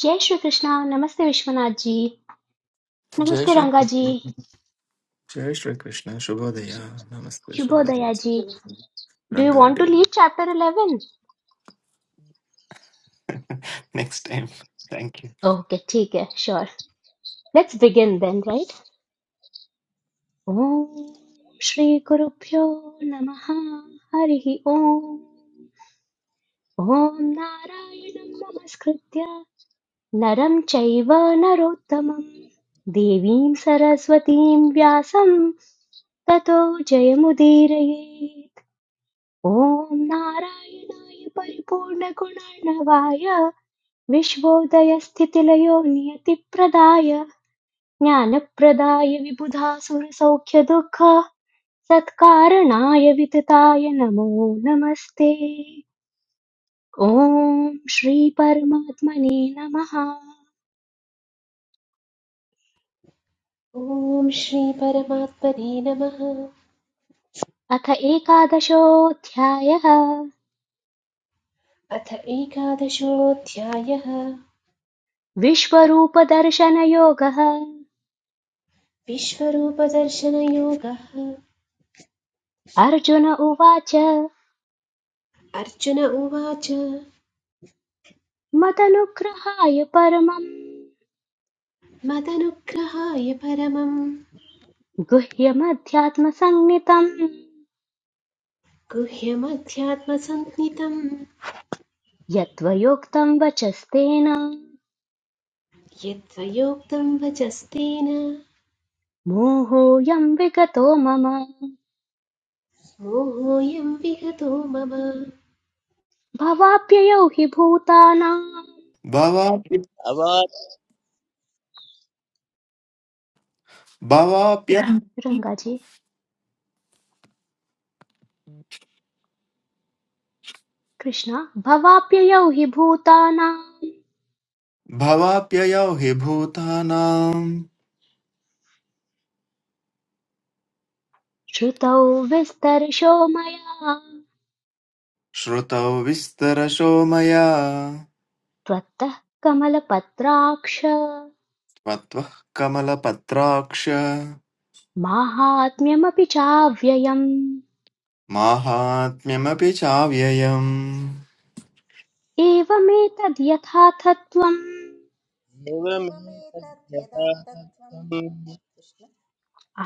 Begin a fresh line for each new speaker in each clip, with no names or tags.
जय श्री कृष्णा नमस्ते विश्वनाथ जी
जय
नमस्ते
श्री
रंगा जी
जय श्री कृष्ण शुभोदय नमस्ते शुभाजी
शुभोदया जी do you want
Rangareddy
to lead chapter 11
next time thank you
okay ठीक है sure let's begin then right ओम श्री गुरुभ्यो नमः हरि ओम ओम नारायणं नमस्कृत्य नरं चैव नरोत्तमं देवीं सरस्वतीं व्यासं ततो जयमुदीरये ॐ नारायणाय परिपूर्णगुणार्णवाय विश्वोदयस्थितिलयो नियतिप्रदाय ज्ञानप्रदाय विबुधासुरसौख्यदुःख सत्कारणाय वितताय नमो नमस्ते ॐ श्रीपरमात्मने नमः
ॐ श्रीपरमात्मने नमः
अथ एकादशोऽध्यायः
अथ एकादशोऽध्यायः
विश्वरूपदर्शनयोगः
विश्वरूपदर्शनयोगः
अर्जुन उवाच
अर्जुन उवाच
मदनुग्रहाय परमम्
मदनुग्रहाय परमं
गुह्यमध्यात्मसंज्ञितम्
गुह्यमध्यात्मसन्नितं
यत्त्वयोक्तं वचस्तेन
यत्त्वयोक्तं वचस्तेन
मोहोऽयं विगतो मम
मोहोऽयं विगतो मम
भवाप्ययौ हि भूतानां
भवाप्य भवाप्य
रङ्गाजी कृष्ण भवाप्ययौ हि भूतानां
भवाप्ययो हि भूतानां
श्रुतौ विस्तर्शो मया
श्रुतौ विस्तरशो मया
त्वत्तः कमलपत्राक्ष
त्वत्वः कमलपत्राक्ष
माहात्म्यमपि चाव्ययम्
माहात्म्यमपि चाव्ययम्
एवमेतद्यथाथत्वम्
अवादेव मे
एवमेतद्यदा तत्त्वं कृष्ण
आ,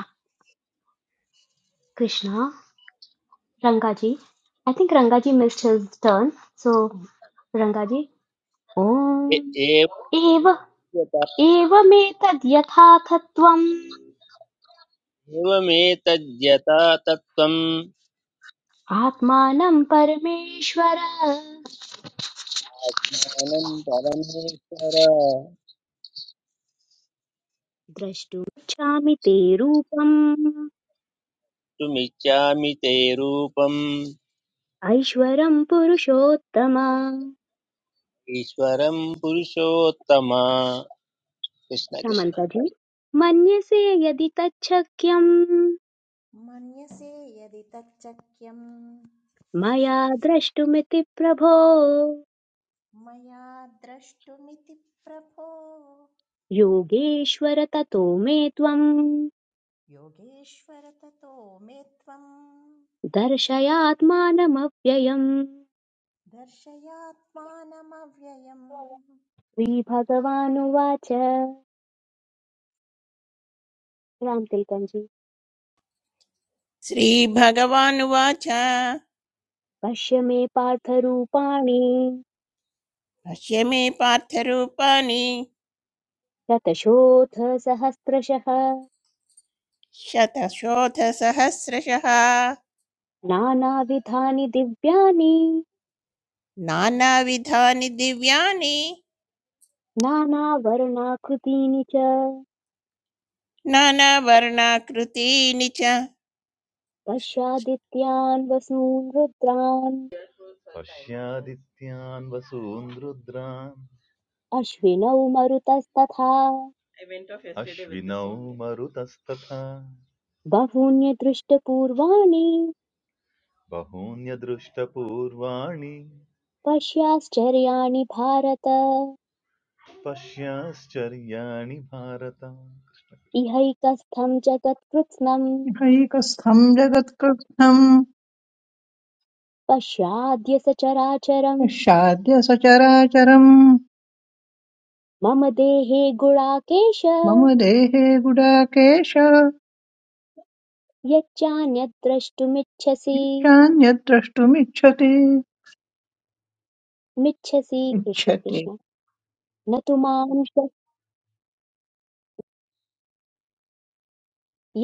Krishna Rangaji. I think Rangaji missed his turn. So, Rangaji. Om.
तद्यथातम् एव
एव एवमेतद् यथार्थत्वम्
मे
आत्मानं परमेश्वर
परमेश्वर
द्रष्टुमिच्छामि ते रूपम्
तुमिच्छामि ते रूपम्
ऐश्वरम् पुरुषोत्तम
ईश्वरं पुरुषोत्तम कृष्ण कृष्ण
श्यामन्ता जी मन्यसे यदि तच्छक्यम्
मन्यसे यदि तच्चक्यं
मया द्रष्टुमिति प्रभो
मया द्रष्टुमिति प्रभो
योगेश्वर ततो मे त्वम्
योगेश्वर ततो मे त्वं
दर्शयात्मानमव्ययम्
दर्शयात्मानमव्ययम् कृष्ण
श्रीभगवानुवाच रामतिलकञ्जी
श्रीभगवानुवाच
पश्य मे पार्थरूपाणि
पश्य मे पार्थरूपाणि
शतशोऽथ सहस्रशः
शतशोधसहस्रशः
नानाविधानि दिव्यानि
नानाविधानि दिव्यानि
नानावर्णाकृतीनि च
नानावर्णाकृतीनि च
पश्यादित्यान् वसून् रुद्रान्
पश्यादित्यान् वसून् रुद्रान्
अश्विनौ मरुतस्तथा
अश्विनौ मरुतस्तथा
बहून्यदृष्टपूर्वाणि
बहून्यदृष्टपूर्वाणि
पश्याश्चर्याणि भारत
पश्याश्चर्याणि भारत
इहैकस्थं जगत्कृत्स्नं
हैकस्थं जगत्कृत्स्थं
पश्याद्य सचराचरम्
पश्चाद्य सचराचरम्
मम देहे गुणाकेश
मम देहे गुडाकेश
यच्चान्यद् द्रष्टुमिच्छसि
चान्यद्द्रष्टुमिच्छति
मिच्छसि कृष्ण
इच्छति
कृष्ण न तु मां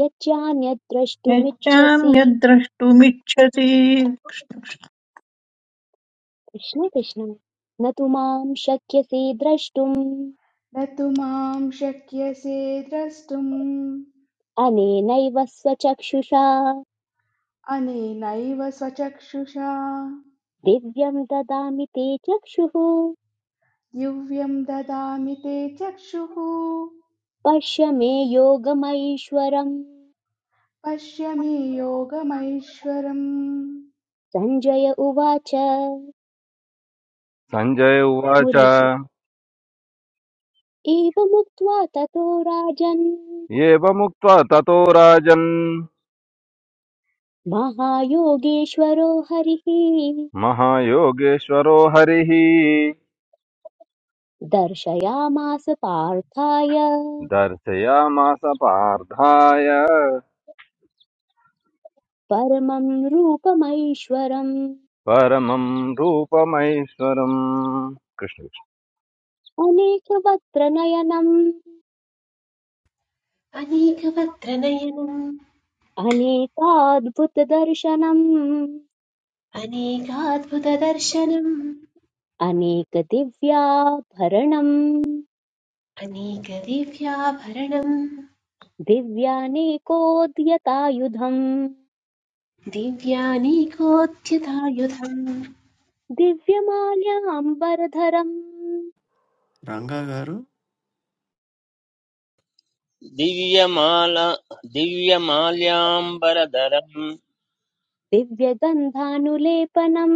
यच्चान्यद् द्रष्टुमिच्छसि
यच्चान्यद्द्रष्टुमिच्छति
कृष्ण कृष्ण न तु मां शक्यसे द्रष्टुम्
न तु मां शक्यसे द्रष्टुम्
अनेनैव स्वचक्षुषा
अनेनैव स्वचक्षुषा
दिव्यं ददामि ते चक्षुः
दिव्यं ददामि ते चक्षुः
पश्य मे योगमैश्वरम्
पश्य मे योगमैश्वरम्
सञ्जय उवाच
Sanjay
मुरलीजी
Uvacha,
एवमुक्त्वा ततो राजन्
Yeva Mukta Tatot Rajan,
महायोगेश्वरो हरिः
Mahayoge Swaro Harihi,
दर्शयामास पार्थाय
Darshya Maasapardhay,
परमं रूपमैश्वरम्
Paramrupa Maheswaram,
अनेकवक्त्र नयनम्
अनेकवक्त्रनयनम्
अनेकाद्भुतदर्शनम्
अनेकाद्भुतदर्शनम्
अनेकदिव्याभरणम्
अनेकदिव्याभरणम्
दिव्यानेकोद्यतायुधम्
दिव्यानीकोऽध्यतायुधम्
दिव्यमाल्याम्बरधरम्
रङ्गागारु
दिव्यमाला दिव्यमाल्याम्बरधरम्
दिव्यगन्धानुलेपनम्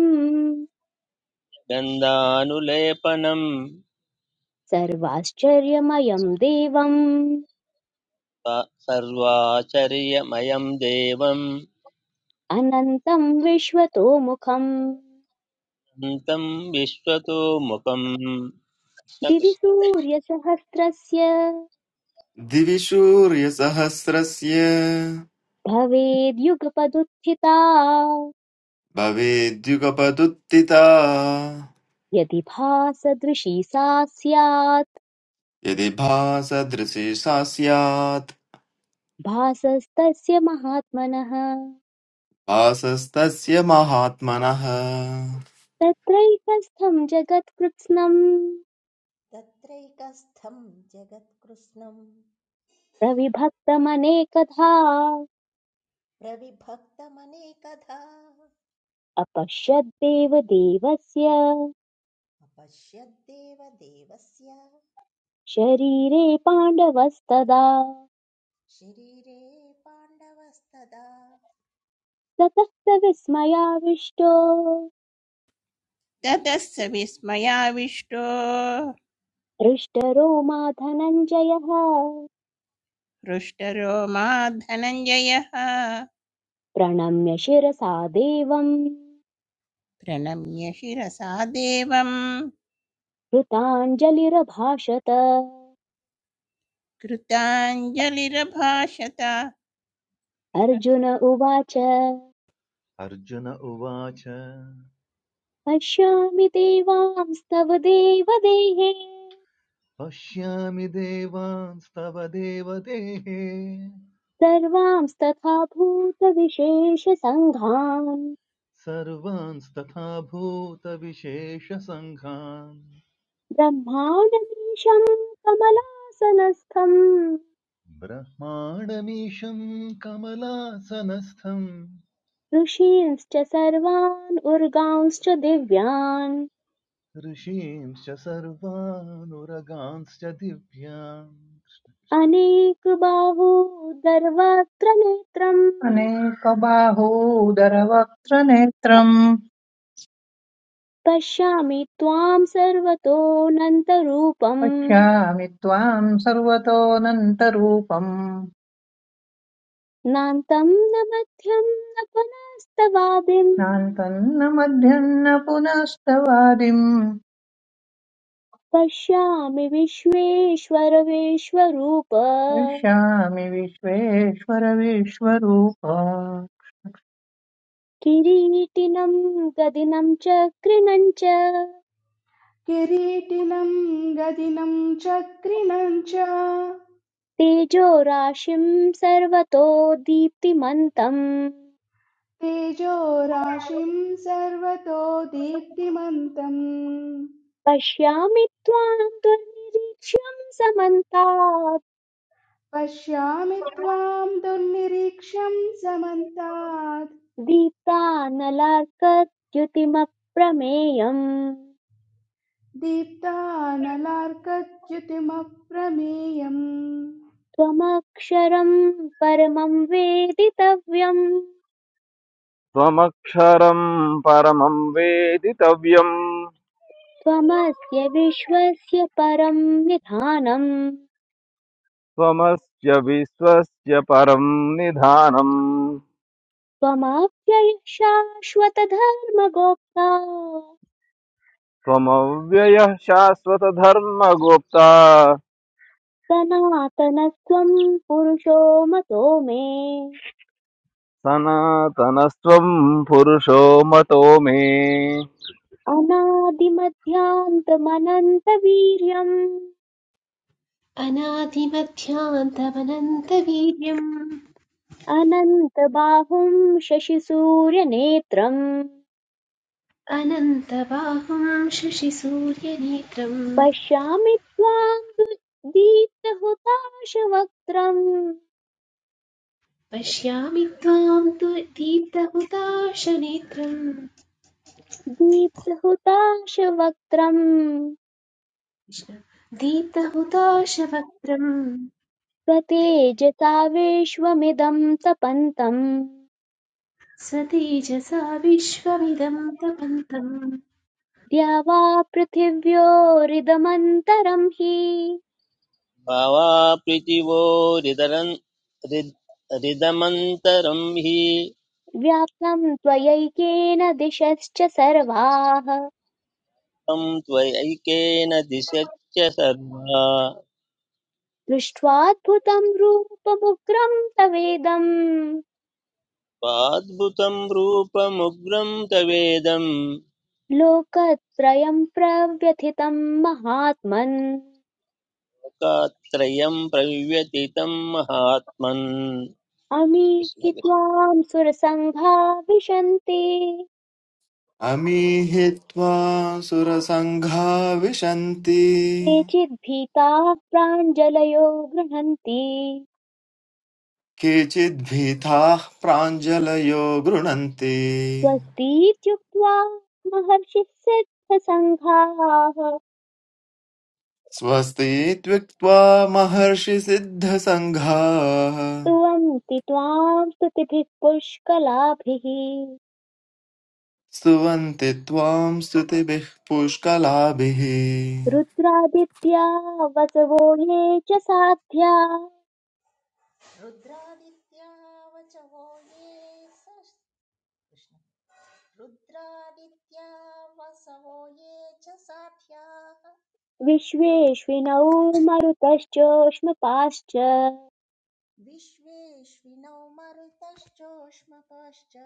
गन्धानुलेपनं
सर्वाश्चर्यमयं देवम्
स- सर्वाचर्यमयं देवम्
अनन्तं विश्वतोमुखम्
तं विश्वतो मुखम् न
दिवि
कृष्ण
सूर्यसहस्रस्य
दिवि सूर्यसहस्रस्य
भवेद्युगपदुत्थिता
भवेद्युगपदुत्थिता
यदि भासदृशी सा स्यात्
यदि भासदृशी सा स्यात्
भासस्तस्य महात्मनः
भासस्तस्य महात्मनः
तत्रैकस्थं जगत्कृत्स्नम्
तत्रैकस्थं जगत्कृत्स्नं
प्रविभक्तमनेकधा
प्रविभक्तमनेकधा
अपश्यद्देवदेवस्य
अपश्यद्देव देवस्य
शरीरे पाण्डवस्तदा
शरीरे पाण्डवस्तदा
ततः स विस्मयाविष्टो
ततः स विस्मयाविष्टो
हृष्टरोमा धनञ्जयः
हृष्टरो मा धनञ्जयः
प्रणम्य शिरसा देवम्
प्रणम्य शिरसा देवं
कृताञ्जलिरभाषत
कृताञ्जलिरभाषत
अर्जुन उवाच
अर्जुन उवाच
पश्यामि देवांस्तव देवदेहे
पश्यामि देवांस्तव देवदेः
सर्वांस्तथा भूतविशेषसङ्घान्
सर्वांस्तथा भूतविशेषसङ्घान्
ब्रह्माणमीशम् कमलासनस्थम्
ब्रह्माणमीशं कमलासनस्थम्
ऋषींश्च सर्वान् उर्गांश्च दिव्यान्
ऋषींश्च सर्वानुरगांश्च दिव्यान्
अनेकबाहूदर्वत्र नेत्रम्
अनेकबाहोदरवक्त्रनेत्रम्
पश्यामि त्वां सर्वतोऽनन्तरूपम्
पश्यामि त्वाम् सर्वतोऽनन्तरूपम्
नान्तं न मध्यं न पुनस्तवादिम्
नान्तन्न मध्यन्न पुनस्तवादिम्
पश्यामि विश्वेश्वरविश्वरूप
पश्यामि विश्वेश्वर विश्वरूप
किरीटिनं गदिनं च कृणं च
किरीटिनं गदिनं चक्रिणं च
तेजोराशिं सर्वतो दीप्तिमन्तम्
तेजो राशिं सर्वतो दीप्तिमन्तम्
पश्यामि त्वां दुर्निरीक्ष्यं समन्तात्
पश्यामि त्वां दुर्निरीक्ष्यं समन्तात्
दीप्तानलार्कद्युतिमप्रमेयम्
दीप्तानलार्कच्युतिमप्रमेयम्
त्वमक्षरं परमं वेदितव्यम्
Swamaksharam, Paramvedita Vyam,
त्वमस्य विश्वस्य परं निधानम्
Swamastya Vishwasya Paramnidhanam,
त्वमव्ययः शाश्वतधर्मगोप्ता
Swamavyaya Shaswatdharma Gopta.
सनातनस्त्वं पुरुषो मतो मे
सनातनस्त्वम् पुरुषो मतो मे
अनादिमध्यान्तमनन्तवीर्यम्
अनादिमध्यान्तमनन्तवीर्यम्
अनन्तबाहुं शशिसूर्यनेत्रम्
अनन्तबाहुम् शशिसूर्यनेत्रम्
पश्यामि त्वां दु- दीप्तहुताशवक्त्रम्
पश्यामि त्वाम् तु दीप्तहुताशनेत्रम्
दीप्तहुताशवक्त्रम्
कृष्ण दीप्तहुताशवक्त्रम्
स्वतेजसा विश्वमिदं तपन्तम्
स्वतेजसा विश्वमिदम् तपन्तम्
द्यावा पृथिव्योरिदमन्तरं हि
भावाप्रीतिवोरिदरन् हृद् हृदमन्तरं हि
व्याप्तं त्वयैकेन दिशश्च सर्वाः
त्वं त्वयैकेन दिशच्च सर्वा
दृष्ट्वाद्भुतं रूपमुग्रं तवेदं
त्वाद्भुतं रूपमुग्रं तवेदं
लोकत्रयं प्रव्यथितं महात्मन्
लोकात्रयं प्रव्यतितं महात्मन्
अमीहि
कृष्ण कृष्ण।
त्वां सुरसङ्घा विशन्ति
अमीहित्वा सुरसङ्घा विशन्ति
केचिद्भीताः प्राञ्जलयो गृह्णन्ति
केचिद्भीताः प्राञ्जलयो गृणन्ति
स्वस्तीत्युक्त्वा महर्षिः सिद्धसङ्घाः
स्वस्ति त्युक्त्वा महर्षिसिद्धसङ्घाः
स्तुवन्ति त्वां स्तुतिभिः पुष्कलाभिः
स्तुवन्ति त्वाम् स्तुतिभिः पुष्कलाभिः
रुद्रादित्या वसवो ये च साध्या
रुद्रादित्या वचवो ये स कृष्ण रुद्रादित्या वसवो ये च साध्याः
विश्वेष्विनौ मरुतश्चोष्मपाश्च
विश्वेष्विनौ मरुतश्चोष्मपश्च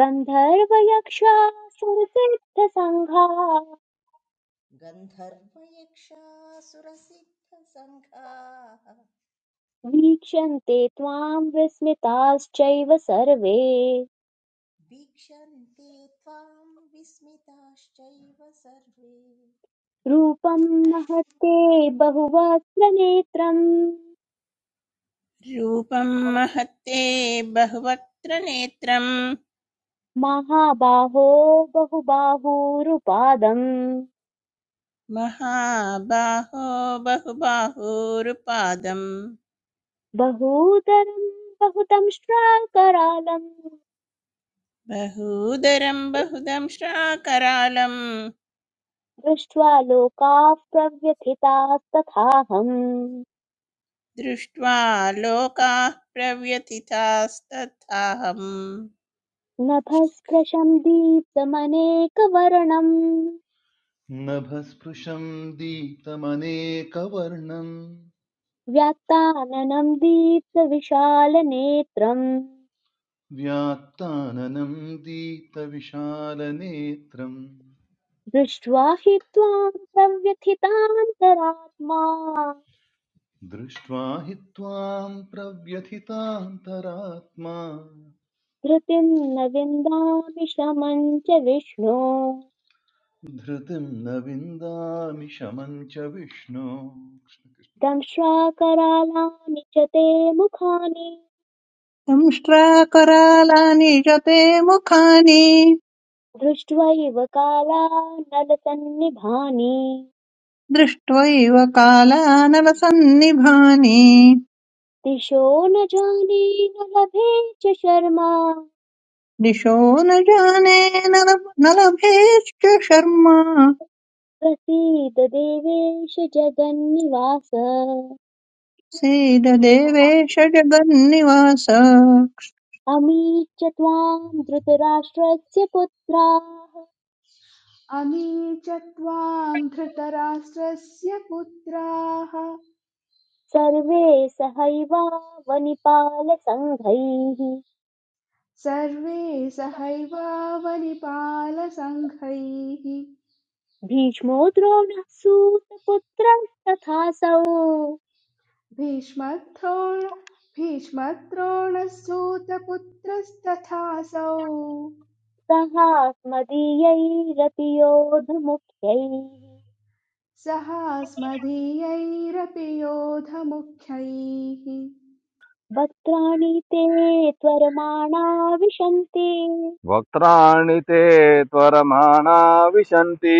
गन्धर्वयक्षा सुरसिद्धसङ्घा
गन्धर्वयक्षासुरसिद्धसङ्घाः
वीक्षन्ते त्वां विस्मिताश्चैव सर्वे
वीक्षन्ते त्वां विस्मिताश्चैव सर्वे
रूपं महत्ते बहुवक्त्रनेत्रम्
रूपं महत्ते बहुवक्त्र नेत्रं
महाबाहो बहुबाहूरुपादम्
महाबाहो बहुबाहूरुपादं
बहूतरम् बहुतं श्राकरालम्
बहूदरं बहुदं श्राकरालं
दृष्ट्वा लोकाः प्रव्यथितास्तथाहम्
दृष्ट्वा लोकाः प्रव्यथितास्तथाहम्
नभस्पृशम् दीप्तमनेकवर्णम्
नभस्पृशं दीप्तमनेकवर्णं
व्याक्ताननम् दीप्तविशालनेत्रम्
व्यात्ताननं दीप्तविशालनेत्रं
दृष्ट्वा हि त्वाम् प्रव्यथितान्तरात्मा
दृष्ट्वा हि त्वां प्रव्यथितान्तरात्मा
धृतिम् न विन्दामि शमं च विष्णो
धृतिं न विन्दामि शमं च विष्णो
दंश्वाकरालानि च ते मुखानि
संष्ट्राकरालानि जते मुखानि
दृष्ट्वैव कालानलसन्निभानि
दृष्ट्वैव कालानलसन्निभानि
दिशो न जाने न लभे च शर्मा
दिशो न जाने न लभ- न लभेश्च शर्मा
प्रसीद देवेश जगन्निवास
सीद देवेश जगन्निवास
अमीच त्वां धृतराष्ट्रस्य पुत्राः
अमी च त्वाम् धृतराष्ट्रस्य पुत्राः
सर्वे सहैवावनिपालसङ्घैः
सर्वे सहैवावलिपालसङ्घैः
भीष्मो द्रोणः सूतपुत्रस्तथासौ
भीष्मद्रोण भीष्मद्रोणसूतपुत्रस्तथासौ
सहास्मदीयैरपि योधमुख्यैः
सहास्मदीयैरपि योधमुख्यैः
वक्त्राणि ते त्वरमाणा विशन्ति
वक्त्राणि ते त्वरमाणा विशन्ति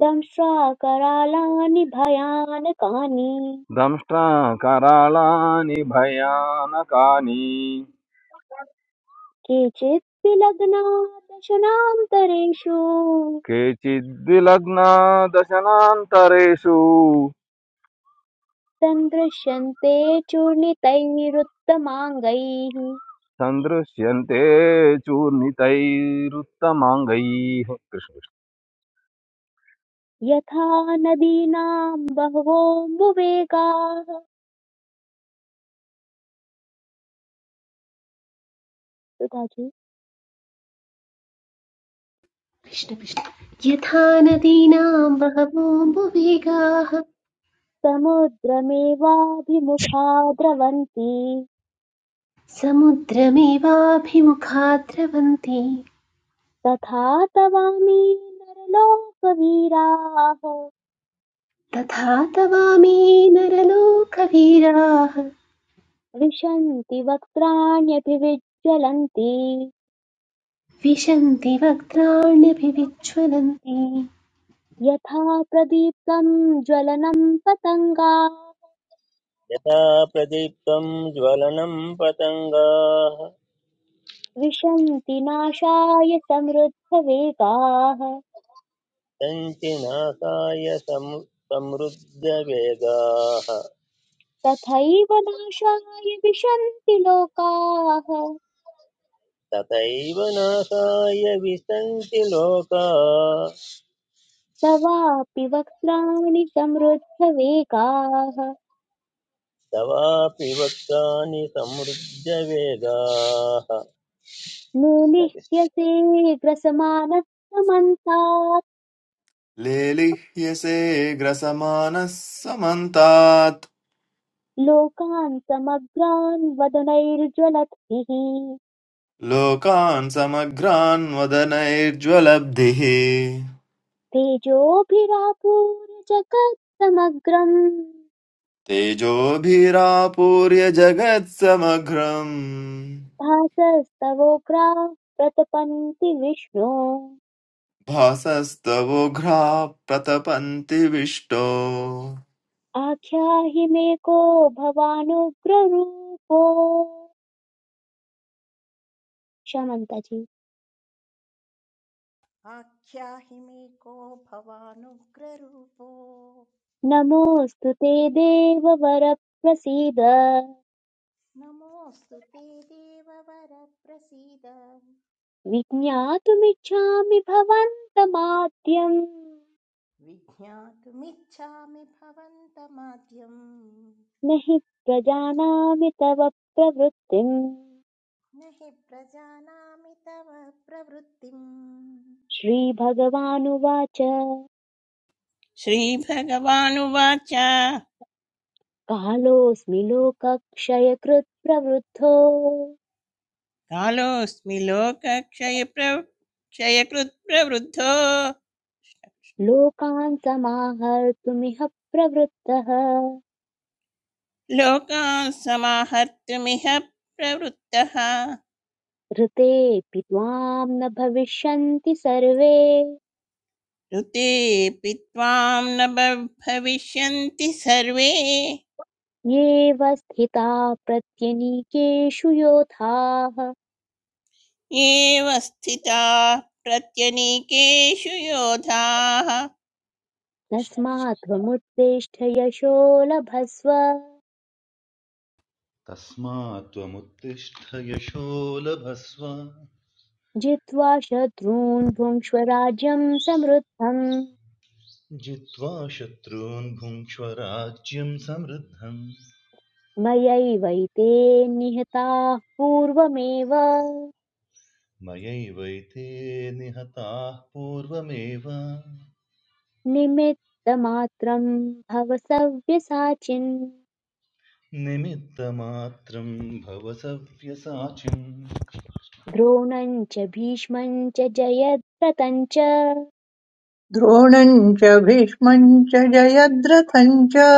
दंष्ट्रा करालानि भयानकानि
दंष्टा करालानि भयानकानि
केचित् विलग्ना दशनान्तरेषु
केचिद्विलग्ना दशनान्तरेषु
सन्दृश्यन्ते चूर्णितैरुत्तमाङ्गैः
सन्दृश्यन्ते चूर्णितैरुत्तमाङ्गैः कृष्ण
यथा नदीनां बहवोऽम्बुवेगाः सुधाजी
कृष्ण कृष्ण यथा नदीनाम् बहवोऽम्बुवेगाः
समुद्रमेवाभिमुखा द्रवन्ति
समुद्रमेवाभिमुखा द्रवन्ति
तथा तवामि नरलोकवीराः
तथा तवामी नरलोकवीराः
विशन्ति वक्त्राण्यभिविज्ज्वलन्ति
विशन्ति वक्त्राण्यभिविज्ज्वलन्ति
यथा प्रदीप्तं ज्वलनं पतङ्गा
यथा प्रदीप्तं ज्वलनं पतङ्गाः
विशन्ति नाशाय समृद्धवेगाः
सन्ति नासाय सम् समृद्धवेगाः
तथैव नाशाय विशन्ति लोकाः
तथैव नासाय विसन्ति लोका
तवापि वक्त्राणि समृद्धवेगाः
तवापि वक्तानि समृद्धवेगाः
नूनिह्यसे ग्रसमानः समन्तात्
लेलिह्यसे ग्रसमानः समन्तात्
लोकान् समग्रान् वदनैर्ज्वलद्भिः
लोकान् समग्रान् वदनैर्ज्वलब्धिः
तेजोभिरापूर्य जगत्समग्रम्
तेजोभिरापूर्य जगत्समग्रम्
भासस्तवोग्राः प्रतपन्ति विष्णो
भासस्तवोघ्राः प्रतपन्ति विष्टो
आख्याहि मे को भवानुग्ररूपो शमन्तजी
आख्याहि मे को भवानुग्ररूपो
नमोऽस्तु ते देववर प्रसीद
नमोऽस्तु ते देववर प्रसीद
विज्ञातुमिच्छामि भवन्तमाद्यम्
विज्ञातुमिच्छामि भवन्तमाद्यम्
न हि प्रजानामि तव प्रवृत्तिम्
न हि प्रजानामि तव प्रवृत्तिम्
श्रीभगवानुवाच
श्रीभगवानुवाच
कालोऽस्मि लोकक्षयकृत् प्रवृद्धो
कालोऽस्मि लोकक्षयप्र- क्षयकृत् प्रवृद्धो
लोकान् समाहर्तुमिह प्रवृत्तः
लोकान् समाहर्तुमिह प्रवृत्तः
ऋतेऽपि त्वां न भविष्यन्ति सर्वे
ऋतेऽपि त्वां न ब- भविष्यन्ति सर्वे
येव स्थिता प्रत्यनीकेषु योधाः
एव स्थिता प्रत्यनीकेषु योधाः
तस्मात् त्वमुत्तिष्ठ यशो लभस्व
तस्मात् त्वमुत्तिष्ठ यशो लभस्व
जित्वा शत्रून् भुङ्क्ष्व राज्यं समृद्धम्
जित्वा शत्रून् भुङ्क्ष्व राज्यं समृद्धं
मयैवैते निहताः पूर्वमेव
मयैवैते निहताः पूर्वमेव
निमित्तमात्रं भव सव्यसाचिन्
निमित्तमात्रं भव सव्यसाचिन्
द्रोणं च भीष्मं च जयद्रथं च
द्रोणम् च भीष्मम् च जयद्रथम् च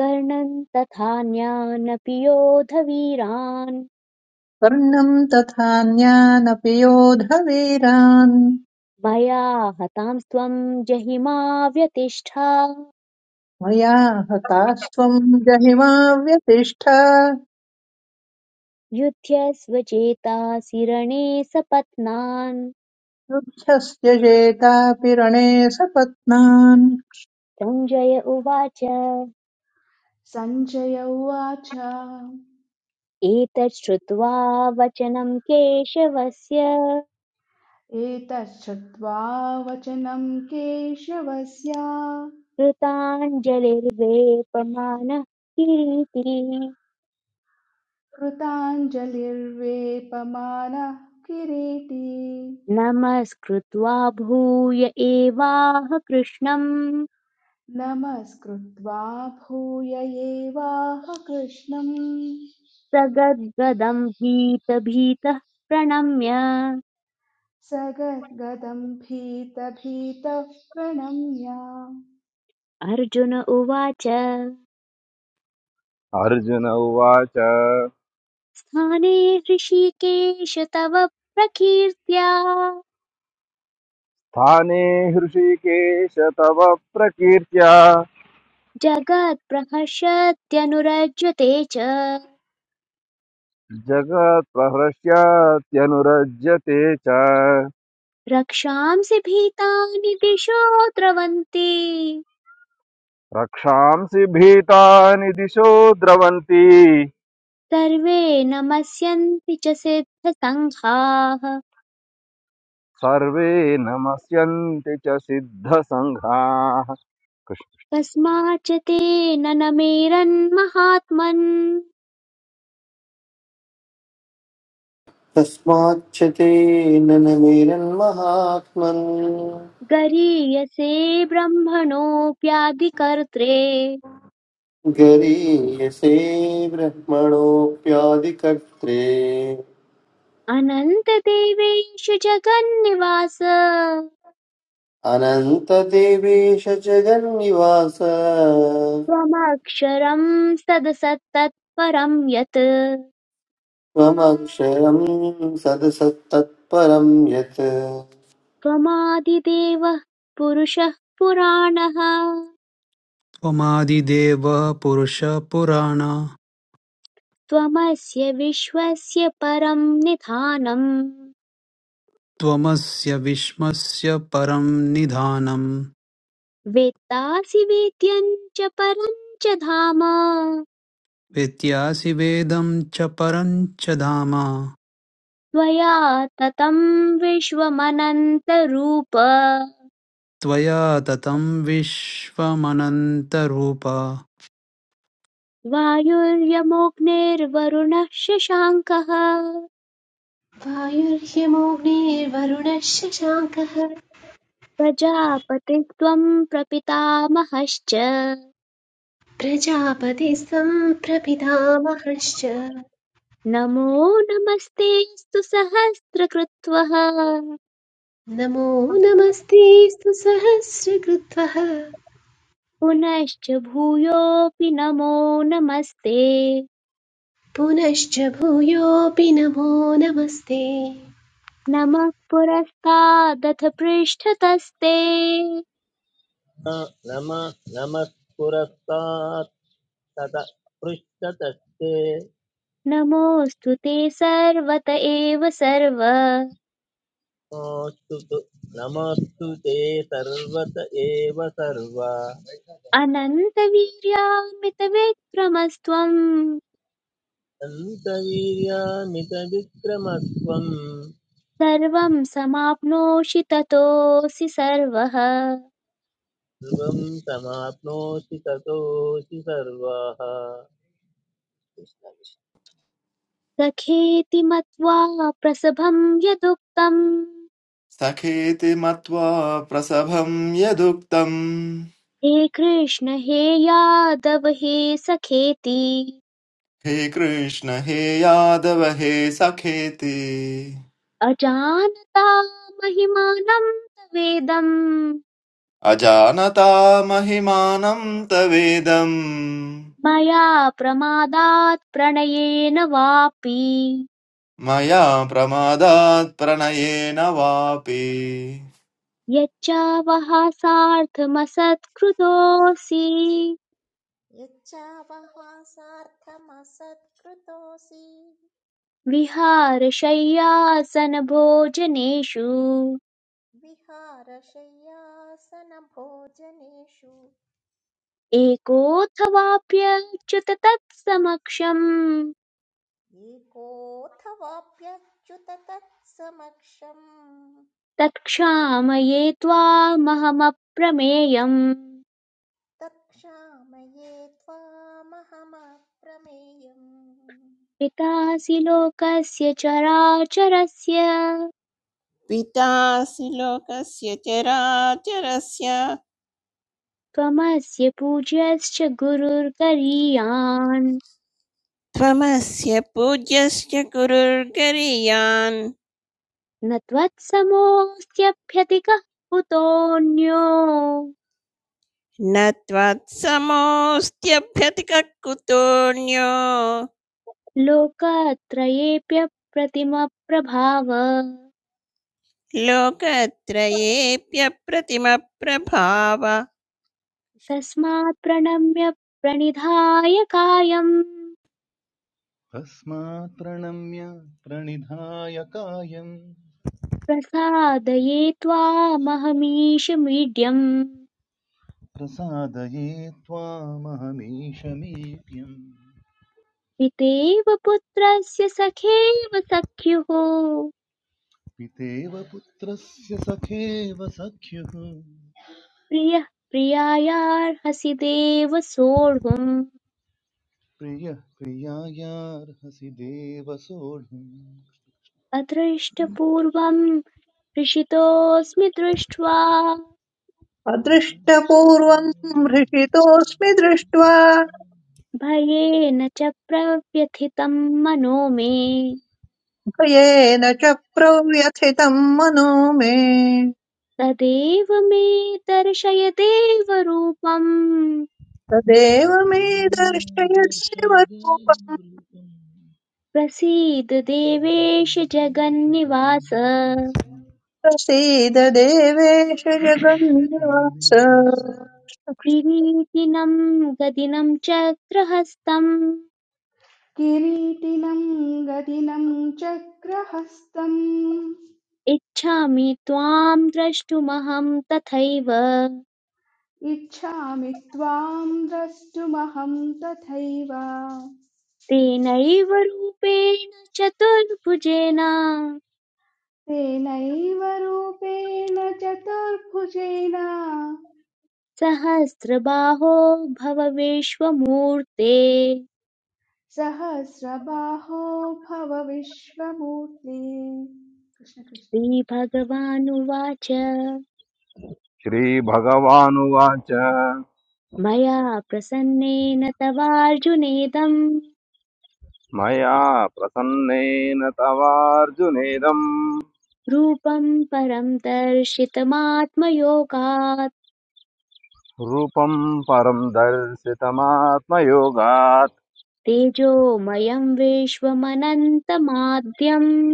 कर्णं तथान्यानपि योधवीरान्
कर्णम् तथान्यानपि योधवीरान्
मया हतांस्त्वं जहिमा व्यतिष्ठा
मया हतास्त्वं जहिमा व्यतिष्ठ
युध्यस्व चेतासि रणे सपत्नान्
रुक्षस्य शेतापि रणे सपत्नान्
सञ्जय उवाच
सञ्जय उवाच
एतत् श्रुत्वा वचनं केशवस्य
एतच्छ्रुत्वा वचनं केशवस्य
कृताञ्जलिर्वेपमानः कीर्ति
कृताञ्जलिर्वेपमानः किरीटी
नमस्कृत्वा भूय एवाह कृष्णम्
नमस्कृत्वा भूय एवाह कृष्णं,
स गद्गदम् भीतभीतः प्रणम्य
स गद्गदम् भीतभीतः प्रणम्य
अर्जुन उवाच
अर्जुन उवाच
स्थाने ऋषिकेश तव प्रकीर्त्या
स्थाने हृषिकेश तव प्रकीर्त्या
जगत्प्रहर्षत्यनुरज्यते च
जगत्प्रहृष्यत्यनुरज्यते च
रक्षांसि भीतानि दिशो द्रवन्ति
रक्षांसि भीतानि दिशो द्रवन्ति
सर्वे नमस्यन्ति च सिद्धसङ्घाः
सर्वे नमस्यन्ति च सिद्धसङ्घाः कृष्ण-
कस्माच्च तेन न मेरन्महात्मन्
तस्माच्च तेन मेरन्महात्मन्
गरीयसे ब्रह्मणोऽप्यादिकर्त्रे
गरीयसे ब्रह्मणोऽप्यादिकर्त्रे
अनन्तदेवेषु जगन्निवास
अनन्तदेवेश जगन्निवास
त्वमक्षरम् सदसत्तत्परं यत्
त्वमक्षरम् सदसत्तत्परम् यत्
त्वमादिदेवः पुरुषः पुराणः
त्वमादिदेवः पुरुषः पुराण
त्वमस्य विश्वस्य परं निधानम्
त्वमस्य विश्वस्य परं निधानम्
वेत्तासि वेद्यम् च परं च धाम
वेत्यासि वेदं च परं च धाम
त्वया ततं विश्वमनन्तरूप
त्वया ततं विश्वमनन्तरूप
वायुर्यमोऽग्निर्वरुणः शशाङ्कः
वायुर्यमोऽग्निर्वरुणः शशाङ्कः
प्रजापतित्वं प्रपितामहश्च
प्रजापतिस्तं प्रपितामहश्च
नमो नमस्तेऽस्तु सहस्रकृत्वः
नमो नमस्ते स्तु सहस्रकृत्वः
पुनश्च भूयोऽपि नमो नमस्ते
पुनश्च भूयोऽपि नमो नमस्ते
नमः पुरस्तादथ पृष्ठतस्ते
न नम नमः पुरस्तात् तत पृष्ठतस्ते
नमोऽस्तु ते सर्वत एव सर्व
नमोऽस्तु तु- नमोऽस्तु ते सर्वत एव सर्व
अनन्तवीर्यामितविक्रमस्त्वं
दन्तवीर्यामितविक्रमत्वम्
सर्वं समाप्नोषि ततोऽसि सर्वः
ध्रुवं समाप्नोति ततोऽसि सर्वाः
सखेति मत्वा प्रसभं यदुक्तम्
सखेति मत्वा प्रसभम् यदुक्तम्
हे कृष्ण हे यादव हे सखेति
हे कृष्ण हे यादव हे सखेति
अजानता महिमानं तवेदं
अजानता महिमानं तवेदम्
मया प्रमादात् प्रणयेन वापि
मया प्रमादात् प्रणयेन वापि
यच्चावः सार्थमसत्कृतोऽसि
यच्चावहासार्थमसत्कृतोऽसि
विहारशय्यासनभोजनेषु
विहारशय्यासनभोजनेषु
एकोऽथवाप्यच्युत तत्समक्षम्
एकोऽथवाप्यच्युत तत्समक्षम्
तत्क्षामये त्वामहमप्रमेयम्
तत्क्षामये त्वामहमप्रमेयम्
पितासि लोकस्य चराचरस्य
पितासि लोकस्य चराचरस्य
त्वमस्य पूज्यश्च गुरुर्गरीयान्
त्वमस्य पूज्यस्य गुरुर्गरीयान्
न त्वत्समोऽस्त्यभ्यधिकः कुतोऽन्यो
न त्वत्समोऽस्त्यभ्यतिकः कुतोऽन्यो
लोकत्रयेऽप्यप्रतिमप्रभाव
लोकत्रयेऽप्यप्रतिमप्रभाव
तस्मात् प्रणम्य प्रणिधाय कायम्
तस्मात् प्रणम्य प्रणिधाय कायं
प्रसादये त्वामहमीशमीड्यम्
प्रसादये त्वामहमीशमेप्यम्
पितेव पुत्रस्य सखेव सख्युः
पितेव पुत्रस्य सखेव सख्युः
प्रियः प्रियायार्हसि देव सोढुम्
प्रियः प्रियायार्हसि देव सोढुम्
अदृष्टपूर्वं हृषितोऽस्मि दृष्ट्वा
अदृष्टपूर्वम् हृषितोऽस्मि दृष्ट्वा
दर्शय
भयेन च प्रव्यथितं मनो मे
भयेन च प्रव्यथितं मनो मे
तदेव मे दर्शय देवरूपम्
तदेव मे दर्शय देवरूप
प्रसीद देवेश जगन्निवास
प्रसीद देवेश जगन्निवास
किरीटिनं गदिनं चक्रहस्तम्
किरीटिनं गदिनं चक्रहस्तं,
इच्छामि त्वां द्रष्टुमहं तथैव
इच्छामि त्वां द्रष्टुमहं तथैव
तेनैव रूपेण चतुर्भुजेन
तेनैव रूपेण चतुर्भुजेन
सहस्रबाहो भव विश्वमूर्ते
सहस्रबाहो भव विश्वमूर्ति कृष्ण कृष्ण
श्रीभगवानुवाच
श्रीभगवानुवाच
मया प्रसन्नेन तवार्जुनेदम्
मया प्रसन्नेन तवार्जुनेदम्
रूपं परं दर्शितमात्मयोगात्
रूपं परं दर्शितमात्मयोगात्
तेजोमयं विश्वमनन्तमाद्यम्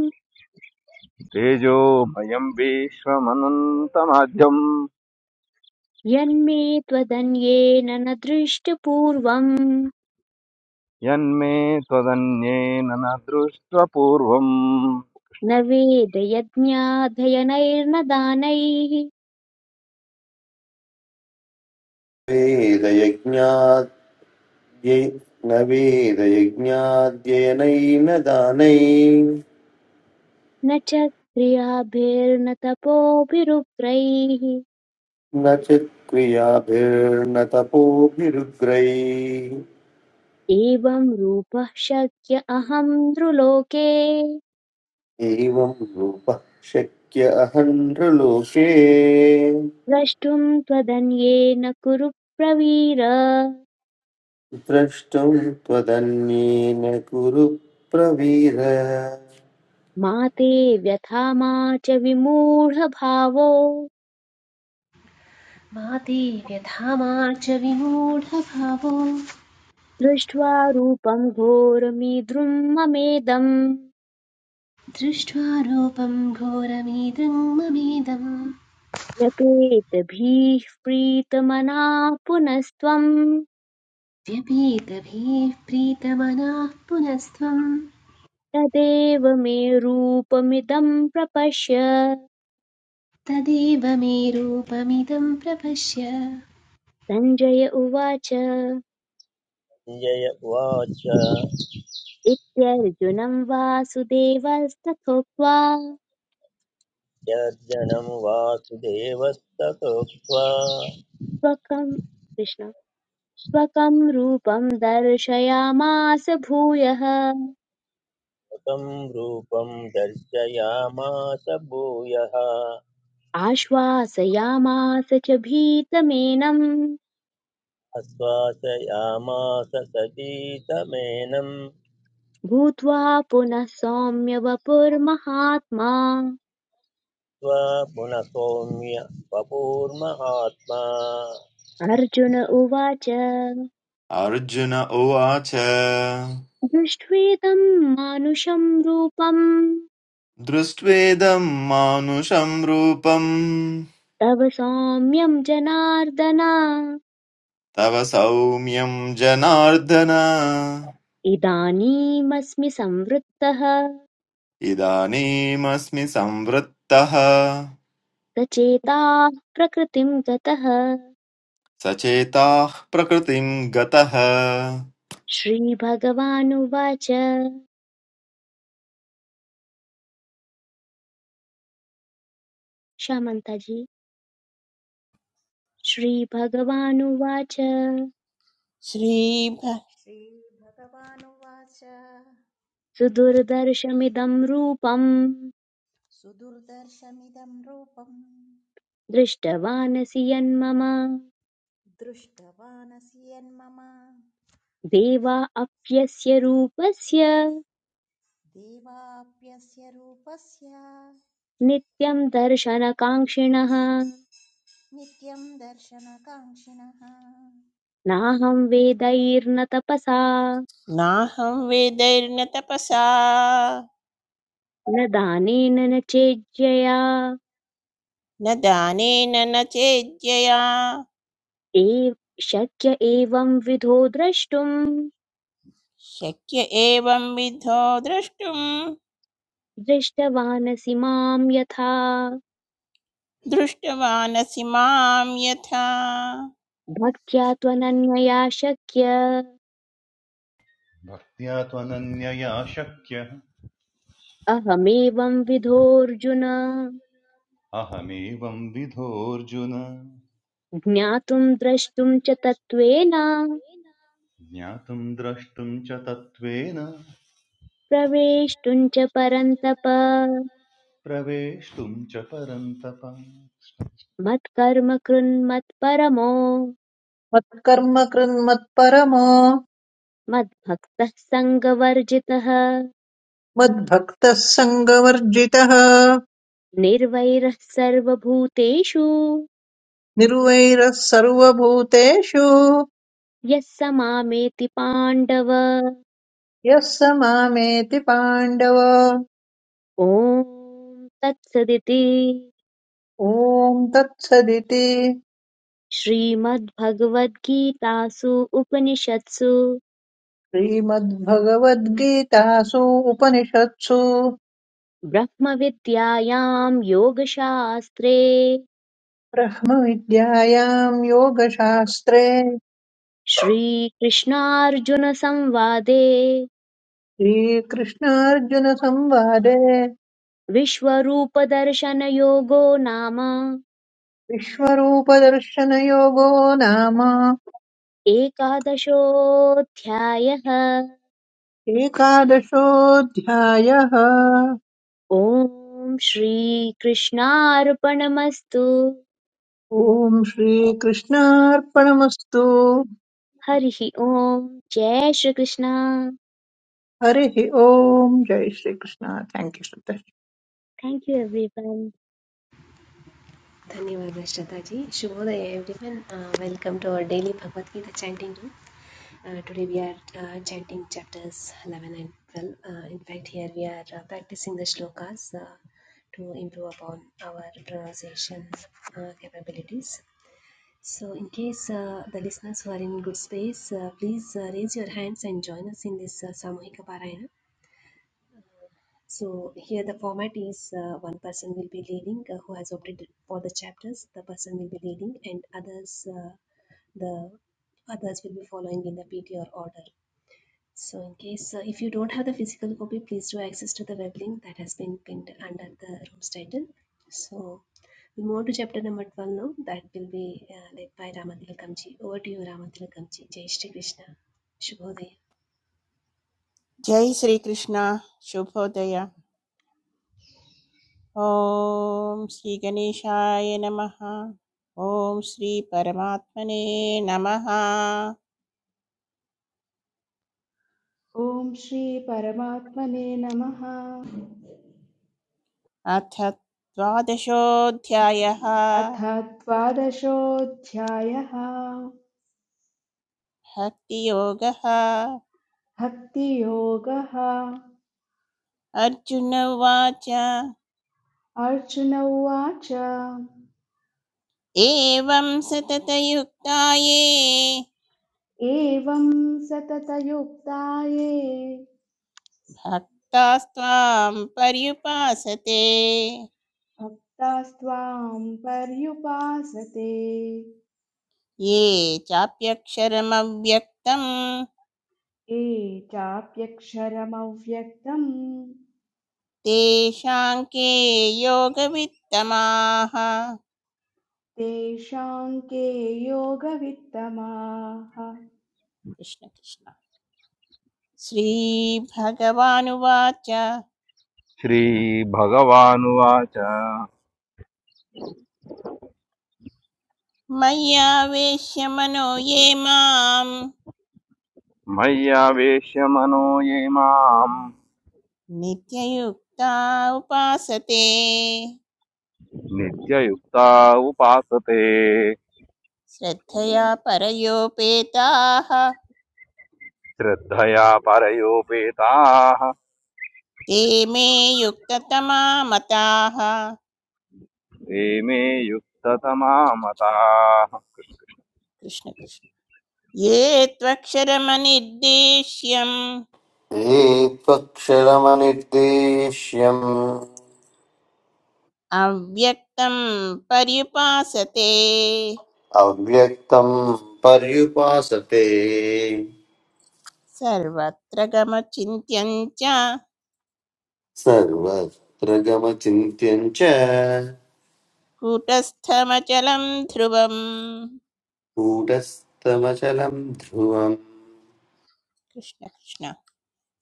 तेजोमयं विश्वमनन्तमाध्यम्
यन्मे त्वदन्येन न दृष्टपूर्वम्
यन्मे त्वदन्येन न दृष्ट्वपूर्वम्
न वेदयज्ञाधयनैर्न दानैः
वेदयज्ञाद्यै न वेदयज्ञाद्ययनैर्न दानैः
न च क्रियाभिर्न तपोभिरुक्तैः
च क्रियाभिर्न तपोभिरुग्रैः
एवं रूपः शक्य अहं नृलोके
एवं रूपः शक्य अहन्त्रलोके
द्रष्टुम् त्वदन्येन कुरु प्रवीर
द्रष्टुं त्वदन्येन कुरु प्रवीर
मा ते व्यथा मा च विमूढभावो
मा देव्यधामा च विमूढभावो
दृष्ट्वा रूपम् घोरमीद्रुम् ममेदम्
दृष्ट्वा रूपं घोरमीदं ममेदं
यपेत भीः प्रीतमनाः पुनस्त्वम्
व्यपीतभिः प्रीतमनाः पुनस्त्वं
तदेव मे रूपमिदं प्रपश्य
तदेव मे रूपमिदं प्रपश्य
सञ्जय उवाच
जय उवाच
इत्यर्जुनं वासुदेवस्तथोक्त्वा
यर्जनं वासुदेवस्ततोक्त्वा
स्वकं कृष्ण स्वकं रूपं दर्शयामास भूयः
स्वकं रूपं दर्शयामास भूयः
आश्वासयामास च भीतमेनं
आश्वासयामास सतीतमेनं
भूत्वा पुनः सौम्य वपुर्महात्मा
त्वा पुनः सौम्य वपुर्महात्मा
अर्जुन उवाच
अर्जुन उवाच
दृष्ट्वेदं मानुषं रूपं
दृष्ट्वेदं मानुषं रूपं
तव सौम्यं जनार्दन
तव सौम्यं जनार्दन
इदानीमस्मि संवृत्तः
इदानीमस्मि संवृत्तः
सचेताः प्रकृतिं गतः
सचेताः प्रकृतिं गतः
श्रीभगवानुवाच क्षमन्ताजी श्रीभगवानुवाच
श्रीभ
श्रीभगवानुवाच
सुदुर्दर्शमिदं रूपम्
सुदुर्दर्शमिदं रूपम्
दृष्टवानसि यन्मम
दृष्टवानसि यन्मम
देवा अप्यस्य रूपस्य
देवाप्यस्य रूपस्य
नित्यं दर्शनकाङ्क्षिणः
नित्यं दर्शनकाङ्क्षिणः
नाहं वेदैर्न तपसा
नाहं वेदैर्न तपसा
न दानेन न चेज्यया
न दानेन न चेद्यया
एव शक्य एवं विधो द्रष्टुम्
शक्य एवं विद्धो द्रष्टुम्
दृष्टवानसि माम् यथा
दृष्टवानसि मां यथा
भक्त्या त्वनन्यया शक्य
भक्त्या त्वनन्यया शक्यः
अहमेवं विधोऽर्जुन
अहमेवं विधोऽर्जुन
ज्ञातुं द्रष्टुं च तत्त्वेन
ज्ञातुं द्रष्टुं च तत्त्वेन
प्रवेष्टुं च परन्तप
प्रवेष्टुं च परन्तप
मत्कर्म कृन्मत्परमो
मत्कर्म कृन्मत्परमो
मद्भक्तः सङ्गवर्जितः
मद्भक्तः सङ्गवर्जितः
निर्वैरः सर्वभूतेषु
निर्वैरः सर्वभूतेषु
यः स मामेति पाण्डव
यः स मामेति पाण्डव
ॐ तत्सदिति
ॐ तत्सदिति
श्रीमद्भगवद्गीतासु उपनिषत्सु
श्रीमद्भगवद्गीतासु उपनिषत्सु
ब्रह्मविद्यायां योगशास्त्रे
ब्रह्मविद्यायां योगशास्त्रे
श्रीकृष्णार्जुनसंवादे
श्रीकृष्णार्जुनसंवादे
विश्वरूपदर्शनयोगो नाम
विश्वरूपदर्शनयोगो नाम
एकादशोऽध्यायः
एकादशोऽध्यायः
ॐ श्रीकृष्णार्पणमस्तु
ॐ श्रीकृष्णार्पणमस्तु
हरिः ॐ जय श्रीकृष्ण
हरिः ओम् जय Shrikrishna thank you Sutesh
thank you everyone
धन्यवाद श्रद्धा जी शुभोदय everyone welcome to our daily Bhagavad Gita chanting room today we are chanting chapters 11 and 12 in fact here we are practicing the shlokas to improve upon our pronunciation uh, capabilities. So, in case uh, the listeners who are in good space, uh, please uh, raise your hands and join us in this uh, Samuhika Parayana. So, here the format is uh, one person will be leading uh, who has opted for the chapters, the person will be leading, and others, uh, the others will be following in the PTR order. So in case uh, if you don't have the physical copy, please do access to the web link that has been pinned under the room's title. So we move on to chapter number 12 now. That will be uh, led by Ramathilakamji. Over to you, Ramathilakamji. Jai Shri Krishna. Shubhodaya.
जय श्रीकृष्ण शुभोदय ॐ श्रीगणेशाय नमः ॐ श्रीपरमात्मने नमः
ॐ श्रीपरमात्मने नमः
अथ द्वादशोऽध्यायः
अथ द्वादशोऽध्यायः
भक्तियोगः
भक्तियोगः
अर्जुन उवाच
अर्जुन उवाच
एवं सततयुक्ता ये
एवं सततयुक्ताये
भक्तास्त्वां पर्युपासते
भक्तास्त्वां पर्युपासते
ये चाप्यक्षरमव्यक्तं
ये चाप्यक्षरमव्यक्तम्
तेषां के योगवित्तमाः कृष्ण
तेषां के योगवित्तमाः
कृष्ण श्रीभगवानुवाच
श्रीभगवानुवाच
मय्यावेश्य मनो ये मां
मय्यावेश्य मनो ये माम्
नित्ययुक्ता उपासते
नित्ययुक्ता उपासते
श्रद्धया परयोपेताः
श्रद्धया परयोपेताः
ते मे युक्ततमा मताः कृष्ण
ते मे युक्ततमा मताः
कृष्ण ये त्वक्षरमनिर्देश्यम्
एकक्षरमनिर्देश्यम्
अव्यक्तं पर्युपासते
अव्यक्तं पर्युपासते
सर्वत्र गमचिन्त्यं च
सर्वत्र गमचिन्त्यं च
कूटस्थमचलं ध्रुवं
कूटस्थमचलं ध्रुवम्
कृष्ण कृष्ण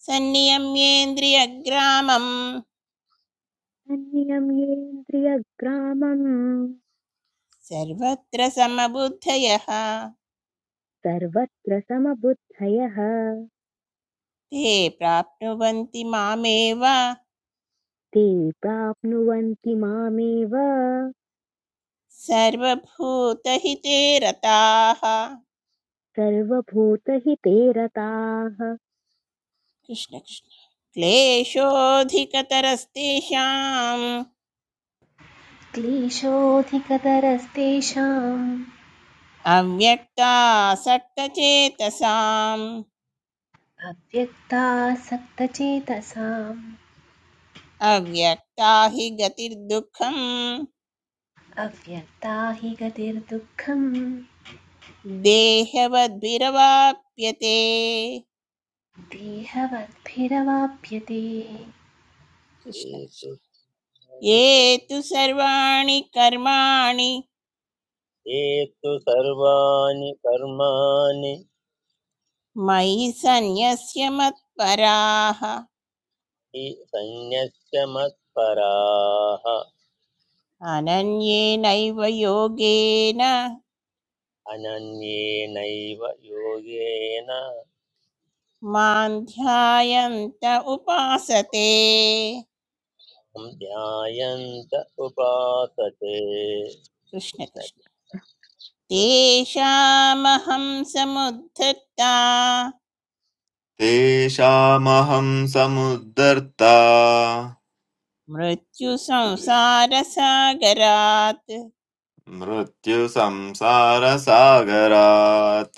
सन्नियम्येन्द्रियग्रामं
अन्यं येन्द्रियग्रामं
सर्वत्र समबुद्धयः
सर्वत्र समबुद्धयः
ते प्राप्नुवन्ति मामेव
ते प्राप्नुवन्ति मामेव
सर्वभूतहिते रताः कृष्ण
सर्वभूतहिते रताः
कृष्ण क्लेशोऽधिकतरस्तेषाम्
क्लेशोऽधिकतरस्तेषाम्
अव्यक्तासक्तचेतसाम्
अव्यक्तासक्तचेतसाम्
अव्यक्ता हि गतिर्दुःखम्
अव्यक्ता हि गतिर्दुःखम्
देहवद्भिरवाप्यते
देहवद्भिरवाप्यते
कृष्ण कृष्ण ये तु सर्वाणि कर्माणि
एतु सर्वाणि कर्माणि
मयि सन्न्यस्य मत्पराः
हि सन्न्यस्य मत्पराः
अनन्येनैव योगेन
अनन्येनैव योगेन
मां ध्यायन्त उपासते
ध्यायन्त उपासते
कृष्ण
न
कृष्ण तेषामहं समुद्धृता
तेषामहं समुद्धर्ता
मृत्युसंसारसागरात्
मृत्युसंसारसागरात्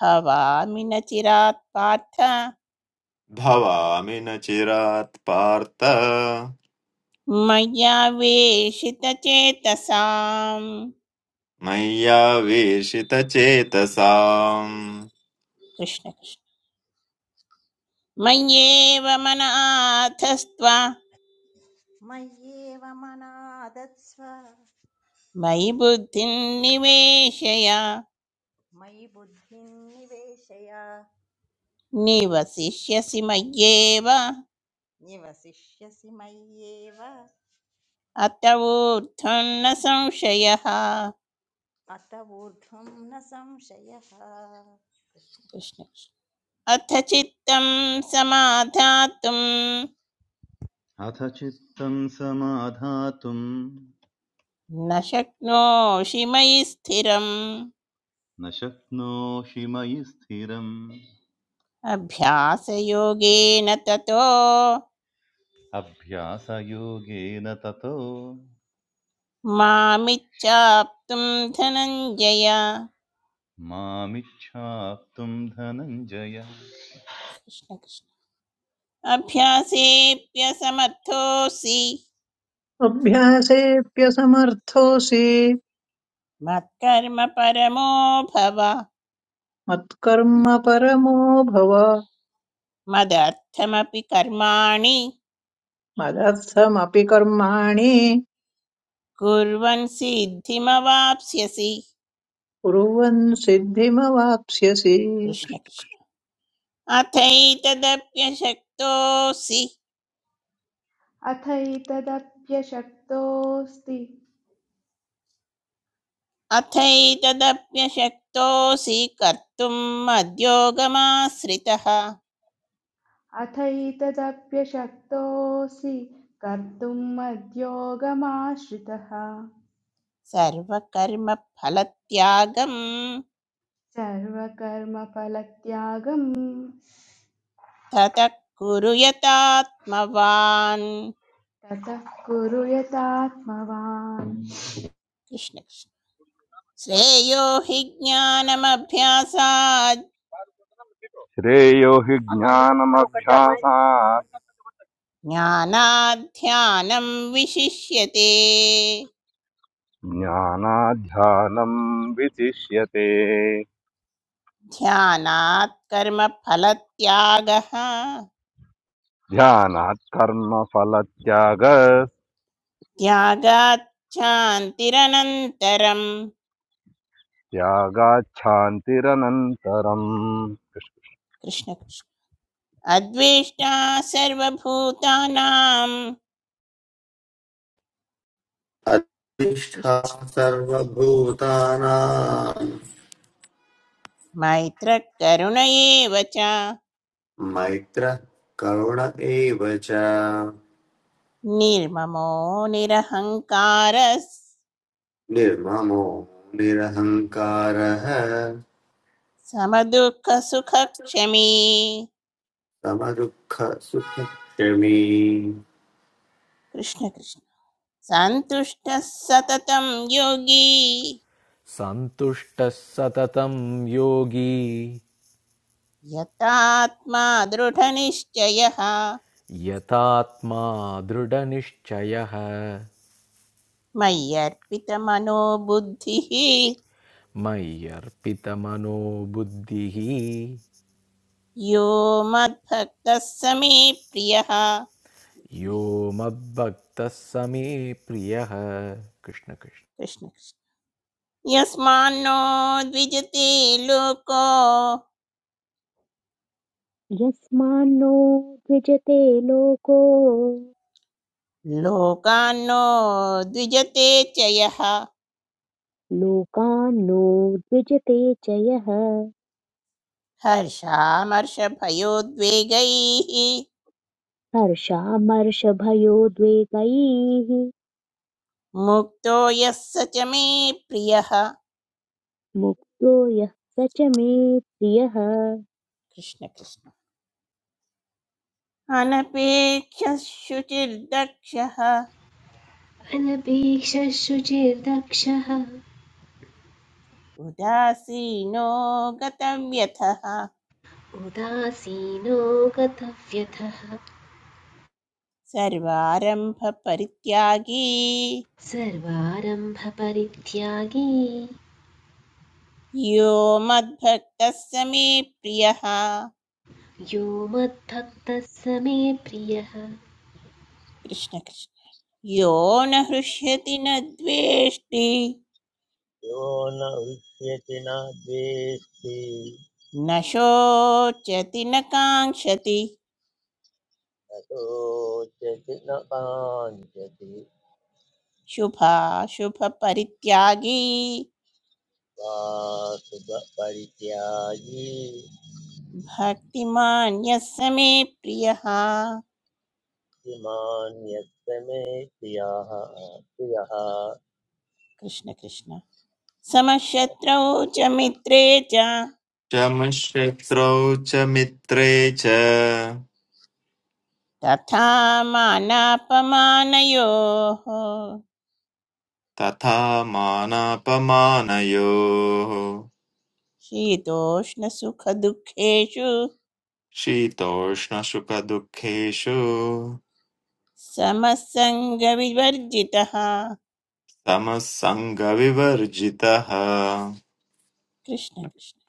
भवामि न चिरात् पार्थ
भवामि न चिरात् पार्थ
मया वेशितचेतसाम्
मय्यावेशितचेतसाम्
कृष्ण कृष्ण मय्येव मनाथस्त्व
मय्येव मनादत्स्व
मयि बुद्धिं निवेशय
मयि बुद्धिं निवेशय
निवसिष्यसि मय्येव
निवसिष्यसि मय्येव
अत ऊर्ध्वन्न संशयः कृष्ण
अत ऊर्ध्वं न संशयः
अथ चित्तं समाधातुं
अथ चित्तं समाधातुं
न शक्नोषि मयि स्थिरम्
न शक्नोषि मयि स्थिरम्
अभ्यासयोगेन ततो
अभ्यासयोगेन ततो
मामिच्छाप्तुं धनञ्जय
मामिच्छाप्तुं धनञ्जय
कृष्ण कृष्ण अभ्यासेऽप्यसमर्थोऽसि
अभ्यासेऽप्यसमर्थोऽसि
मत्कर्म परमो भव
मत्कर्म परमो भव
मदर्थमपि कर्माणि
मदर्थमपि कर्माणि
कुर्वन् सिद्धिमवाप्स्यसि
कुर्वन् सिद्धिमवाप्स्यसि
कृष्ण कृष्ण अथैतदप्यशक्तोऽसि
अथैतदप्यशक्तोऽस्ति
अथैतदप्यशक्तोऽसि कर्तुम् मद्योगमाश्रितः
अथैतदप्यशक्तोऽसि कर्तुम् मद्योगमाश्रितः
सर्वकर्मफलत्यागं
सर्वकर्मफलत्यागम्
ततः कुरु यतात्मवान्
ततः कुरु यतात्मवान्
कृष्ण कृष्ण श्रेयो हि ज्ञानमभ्यासात्
श्रेयो हि ज्ञानमभ्यासात्
ज्ञानाध्यानं विशिष्यते
ज्ञानाध्यानम् विशिष्यते
ध्यानात् कर्मफलत्यागः
ध्यानात् कर्म फलत्याग
त्यागात् शान्तिरनन्तरम्
Yagachantiranantaram.
कृष्ण कृष्ण अद्वेष्टा सर्वभूतानां
अधिष्ठा सर्वभूतानां
मैत्र करुण एव च
मैत्रः करुण एव च
निर्ममो निरहङ्कार
निर्ममो निरहङ्कारः
समदुःखसुखक्षमी
समदुःखसुखक्षमी
कृष्ण कृष्ण सन्तुष्टः सततं योगी
सन्तुष्टः सततं योगी
यतात्मा दृढनिश्चयः
यतात्मा दृढनिश्चयः
मय्यर्पितमनोबुद्धिः
मय्यर्पितमनो बुद्धिः
यो मद्भक्तः समे प्रियः कृष्ण
यो मद्भक्तः स मे प्रियः कृष्ण कृष्ण
कृष्ण। यस्मान्नो द्विजते लोको
यस्मान्नो द्विजते लोको
लोकान्नो द्विजते च यः
लोकान्नो द्विजते च यः
हर्षामर्षभयोद्वेगैः
हर्षामर्षभयोद्वेगैः
मुक्तो यः स च मे प्रियः
मुक्तो यः स च मे प्रियः जय
कृष्ण कृष्ण अनपेक्षः शुचिर्दक्षः
अनपेक्षशुचिर्दक्षः
उदासीनो गतव्यथः
उदासीनो गतव्यथः
सर्वारम्भपरित्यागी
सर्वारम्भपरित्यागी
यो मद्भक्तः समे प्रियः
यो मद्भक्तः स मे प्रियः
कृष्ण कृष्ण यो न हृष्यति न द्वेष्टि
यो न उच्यति न द्वेष्टि
न शोचति न काङ्क्षति
न शोच्यति न काञ्चति
शुभाशुभपरित्यागी
वा शुभपरित्यागी
भक्तिमान्यः समे प्रियः
इमान्यस्य मे प्रियः प्रियः
कृष्ण कृष्ण समशत्रौ च मित्रे च
च मः शत्रौ च मित्रे च
तथा मानापमानयोः
तथा मानापमानयोः
शीतोष्णसुखदुःखेषु
शीतोष्णसुखदुःखेषु
समसङ्गविवर्जितः
समः सङ्गविवर्जितः
कृष्ण कृष्ण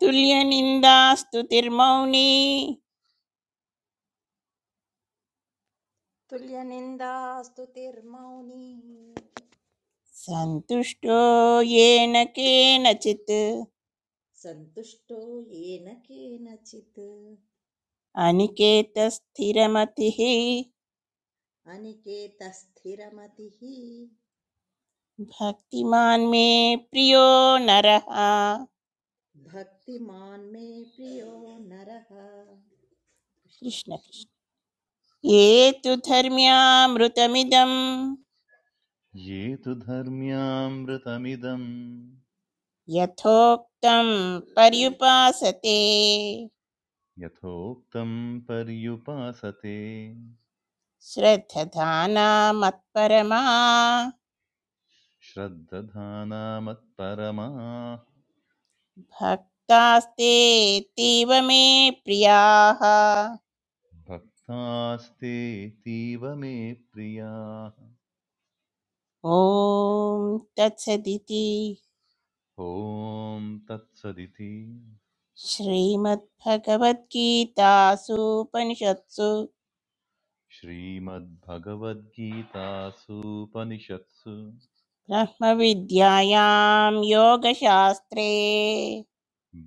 तुल्यनिन्दास्तुतिर्मौनी
तुल्यनिन्दास्तुतिर्मौनी
सन्तुष्टो येन केनचित्
सन्तुष्टो येन केनचित्
अनिकेतस्थिरमतिः
अनिकेतः स्थिरमतिः
भक्तिमान् मे प्रियो नरः
भक्तिमान् मे प्रियो नरः कृष्ण
कृष्ण कृष्ण ये तु धर्म्यामृतमिदं
ये तु धर्म्यामृतमिदम्
यथोक्तं पर्युपासते
यथोक्तं पर्युपासते
श्रद्धधाना मत्परमा
श्रद्दधानामत्परमाः
भक्तास्तेतीव मे प्रियाः
भक्तास्ते तीव मे प्रियाः
ॐ तत्सदिति
ॐ तत्सदिति
श्रीमद्भगवद्गीतासूपनिषत्सु
श्रीमद्भगवद्गीतासूपनिषत्सु
ब्रह्मविद्यायां योगशास्त्रे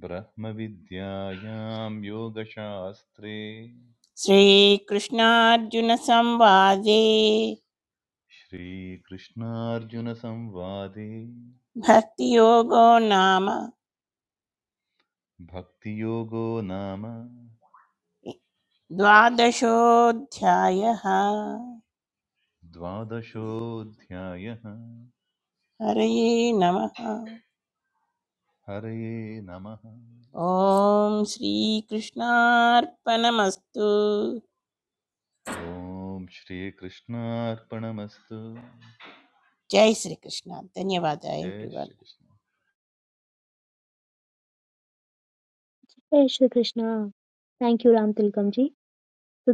ब्रह्मविद्यायां योगशास्त्रे
श्रीकृष्णार्जुनसंवादे
श्रीकृष्णार्जुनसंवादे
भक्तियोगो नाम
भक्तियोगो नाम
द्वादशोऽध्यायः
द्वादशोऽध्यायः
हरये नमः
हरये नमः
ॐ श्रीकृष्णार्पणमस्तु
ॐ श्रीकृष्णार्पणमस्तु
जय श्रीकृष्ण धन्यवाद
जय
everyone
Shrikrishna
Shri krishna thank you ram tilakam ji so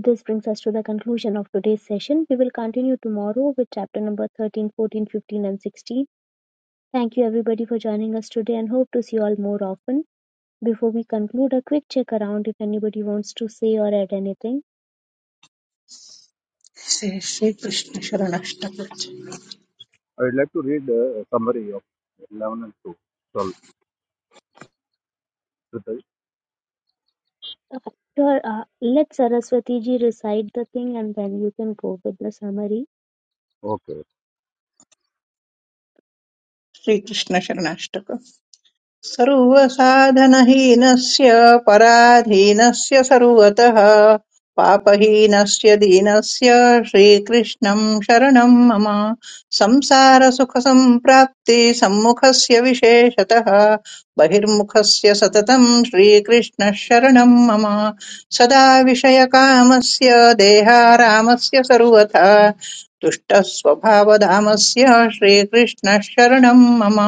this brings us to the conclusion of today's session we will continue tomorrow with chapter number 13, 14, 15, and 16 thank you everybody for joining us today and hope to see you all more often before we conclude a quick check around if anybody wants to say or add anything
Shrikrishna Sharanashtaka
I would like to read uh, a summary of 11 and 2. 12.
Uh, Sure. Uh, let Saraswati ji recite the thing and then you can go with the summary.
Okay.
Shrikrishna Sharanashtaka सर्वसाधनहीनस्य पराधीनस्य सर्वतः पापहीनस्य दीनस्य श्रीकृष्णं शरणं मम संसारसुखसम्प्राप्ति सम्मुखस्य विशेषतः बहिर्मुखस्य सततं श्रीकृष्णः शरणं मम सदा विषयकामस्य देहारामस्य सर्वथा दुष्टस्वभावधामस्य श्रीकृष्णः शरणं मम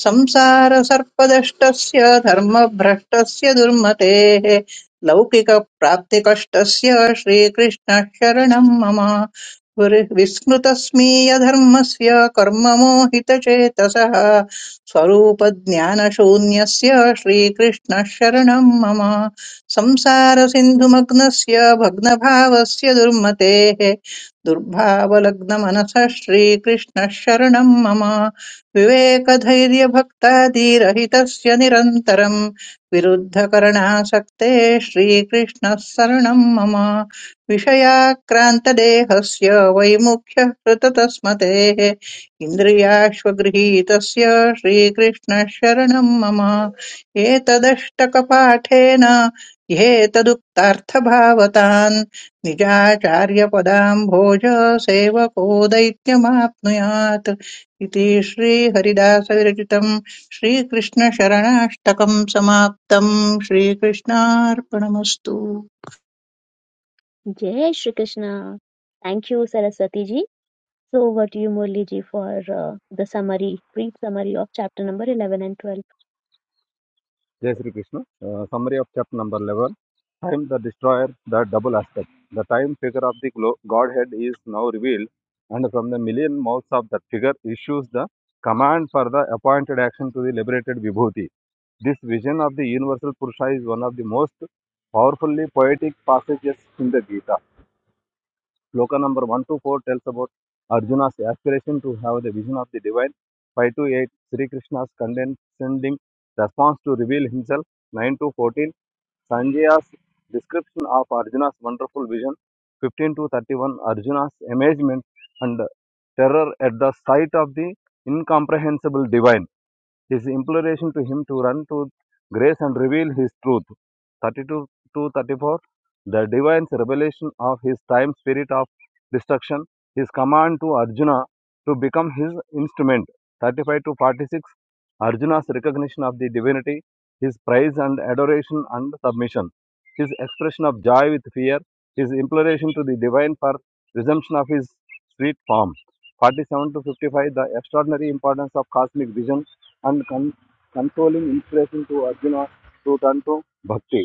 संसारसर्पदष्टस्य धर्मभ्रष्टस्य दुर्मतेः लौकिकप्राप्तिकष्टस्य श्रीकृष्णः शरणं मम गुरुः विस्मृतस्मीयधर्मस्य कर्ममोहितचेतसः स्वरूपज्ञानशून्यस्य श्रीकृष्णः शरणं मम संसारसिन्धुमग्नस्य भग्नभावस्य दुर्मतेः दुर्भावलग्नमनसः श्रीकृष्णः शरणं मम विवेकधैर्यभक्तादिरहितस्य निरन्तरम् विरुद्धकरणासक्ते श्रीकृष्णः शरणम् मम विषयाक्रान्तदेहस्य वैमुख्यः कृततस्मतेः इन्द्रियाश्वगृहीतस्य श्रीकृष्णः शरणम् मम एतदष्टकपाठेन ह्येतदुक्तार्थभावतान् निजाचार्यपदाम्भोज सेवको दैत्यमाप्नुयात् इति श्रीहरिदासविरचितम् श्रीकृष्णशरणाष्टकम् समाप्तम् श्रीकृष्णार्पणमस्तु
Jai Shri Krishna. Thank you, Saraswati ji. So, over to you, Murli ji, for uh, the summary, brief summary of chapter number 11 and 12.
Jai Shri Krishna. Uh, summary of chapter number 11. Time the destroyer, the double aspect. The time figure of the Godhead is now revealed, and from the million mouths of that figure issues the command for the appointed action to the liberated Vibhuti. This vision of the universal Purusha is one of the most powerfully poetic passages in the Gita. Shloka number 124 tells about Arjuna's aspiration to have the vision of the divine. Five to eight, Sri Krishna's condescending response to reveal himself. 9 to 14 Sanjaya's description of Arjuna's wonderful vision. 15 to 31 Arjuna's amazement and terror at the sight of the incomprehensible divine. His imploration to him to run to grace and reveal his truth. 32 to 34. The divine revelation of his time spirit of destruction. His command to Arjuna to become his instrument. 35 to 46. Arjuna's recognition of the divinity. His praise and adoration and submission. His expression of joy with fear. His imploration to the divine for resumption of his sweet form. 47 to 55. The extraordinary importance of cosmic vision and con- consoling inspiration to Arjuna to turn to bhakti.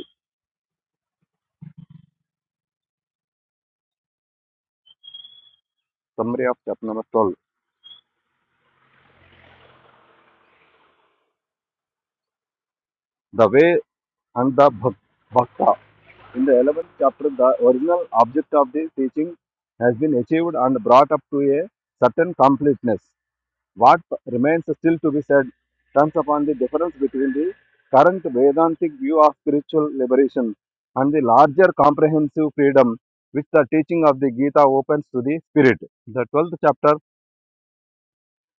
Summary of chapter number 12. The way and the bhak- bhakta. In the 11th chapter, the original object of the teaching has been achieved and brought up to a certain completeness. What remains still to be said turns upon the difference between the current Vedantic view of spiritual liberation and the larger comprehensive freedom which the teaching of the Gita opens to the spirit. The 12th chapter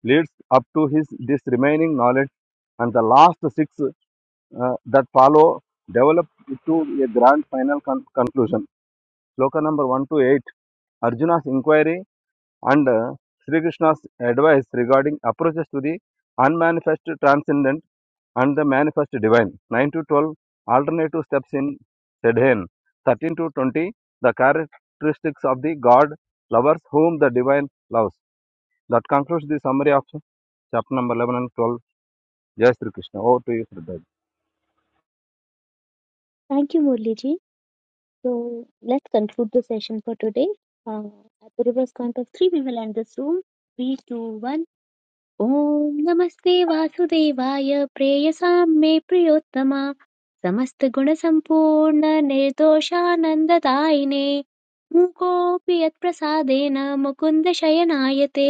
leads up to his this remaining knowledge and the last six uh, that follow develop to a grand final con- conclusion sloka number 1 to 8 arjuna's inquiry and uh, sri krishna's advice regarding approaches to the unmanifest transcendent and the manifest divine 9 to 12 alternative steps in sedhen 13 to 20 the characteristics of the god lovers whom the divine loves that concludes the summary of chapter number 11 and 12 Jai Sri Krishna, Otey Sri Radhe,
Thank you, Murli ji. So, let's conclude the session for today. Uh, at the reverse count of three, we will end this room. Three, two, one. ॐ नमस्ते वासुदेवाय प्रेयसां मे प्रियोत्तम समस्तगुणसम्पूर्ण निर्दोषानन्ददायिने मूकोऽपि यत्प्रसादेन मुकुन्द शयनायते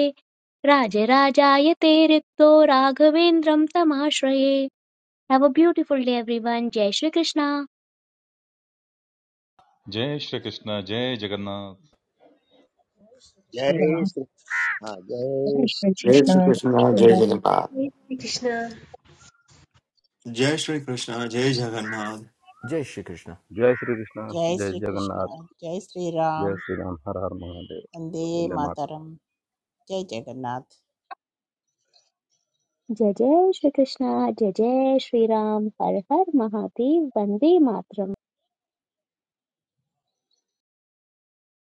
राजराजायते रिक्तो राघवेन्द्रं तमाश्रये have a beautiful day everyone जय श्रीकृष्ण
जय श्रीकृष्ण जय जगन्नाथ
कृष्ण
जय
जय
राम
श्री
जय
जय
जय
श्रीकृष्ण जय
श्रीकृष्ण
श्रीराम
जय जगन्नाथ
कृष्ण
जय श्रीकृष्ण जय जगन्नाथ
जय Shri Krishna
Jai Sri Krishna,
जय
Jai
श्रीकृष्ण
Jagannath,
जय
Jai
Shriram
Sri Ram Har Har Mahadev,
वन्दे
Bholenath.
मातरं जय जगन्नाथ
जय जय श्रीकृष्ण जय जय श्रीराम हर हर महादेव वन्दे मातरम्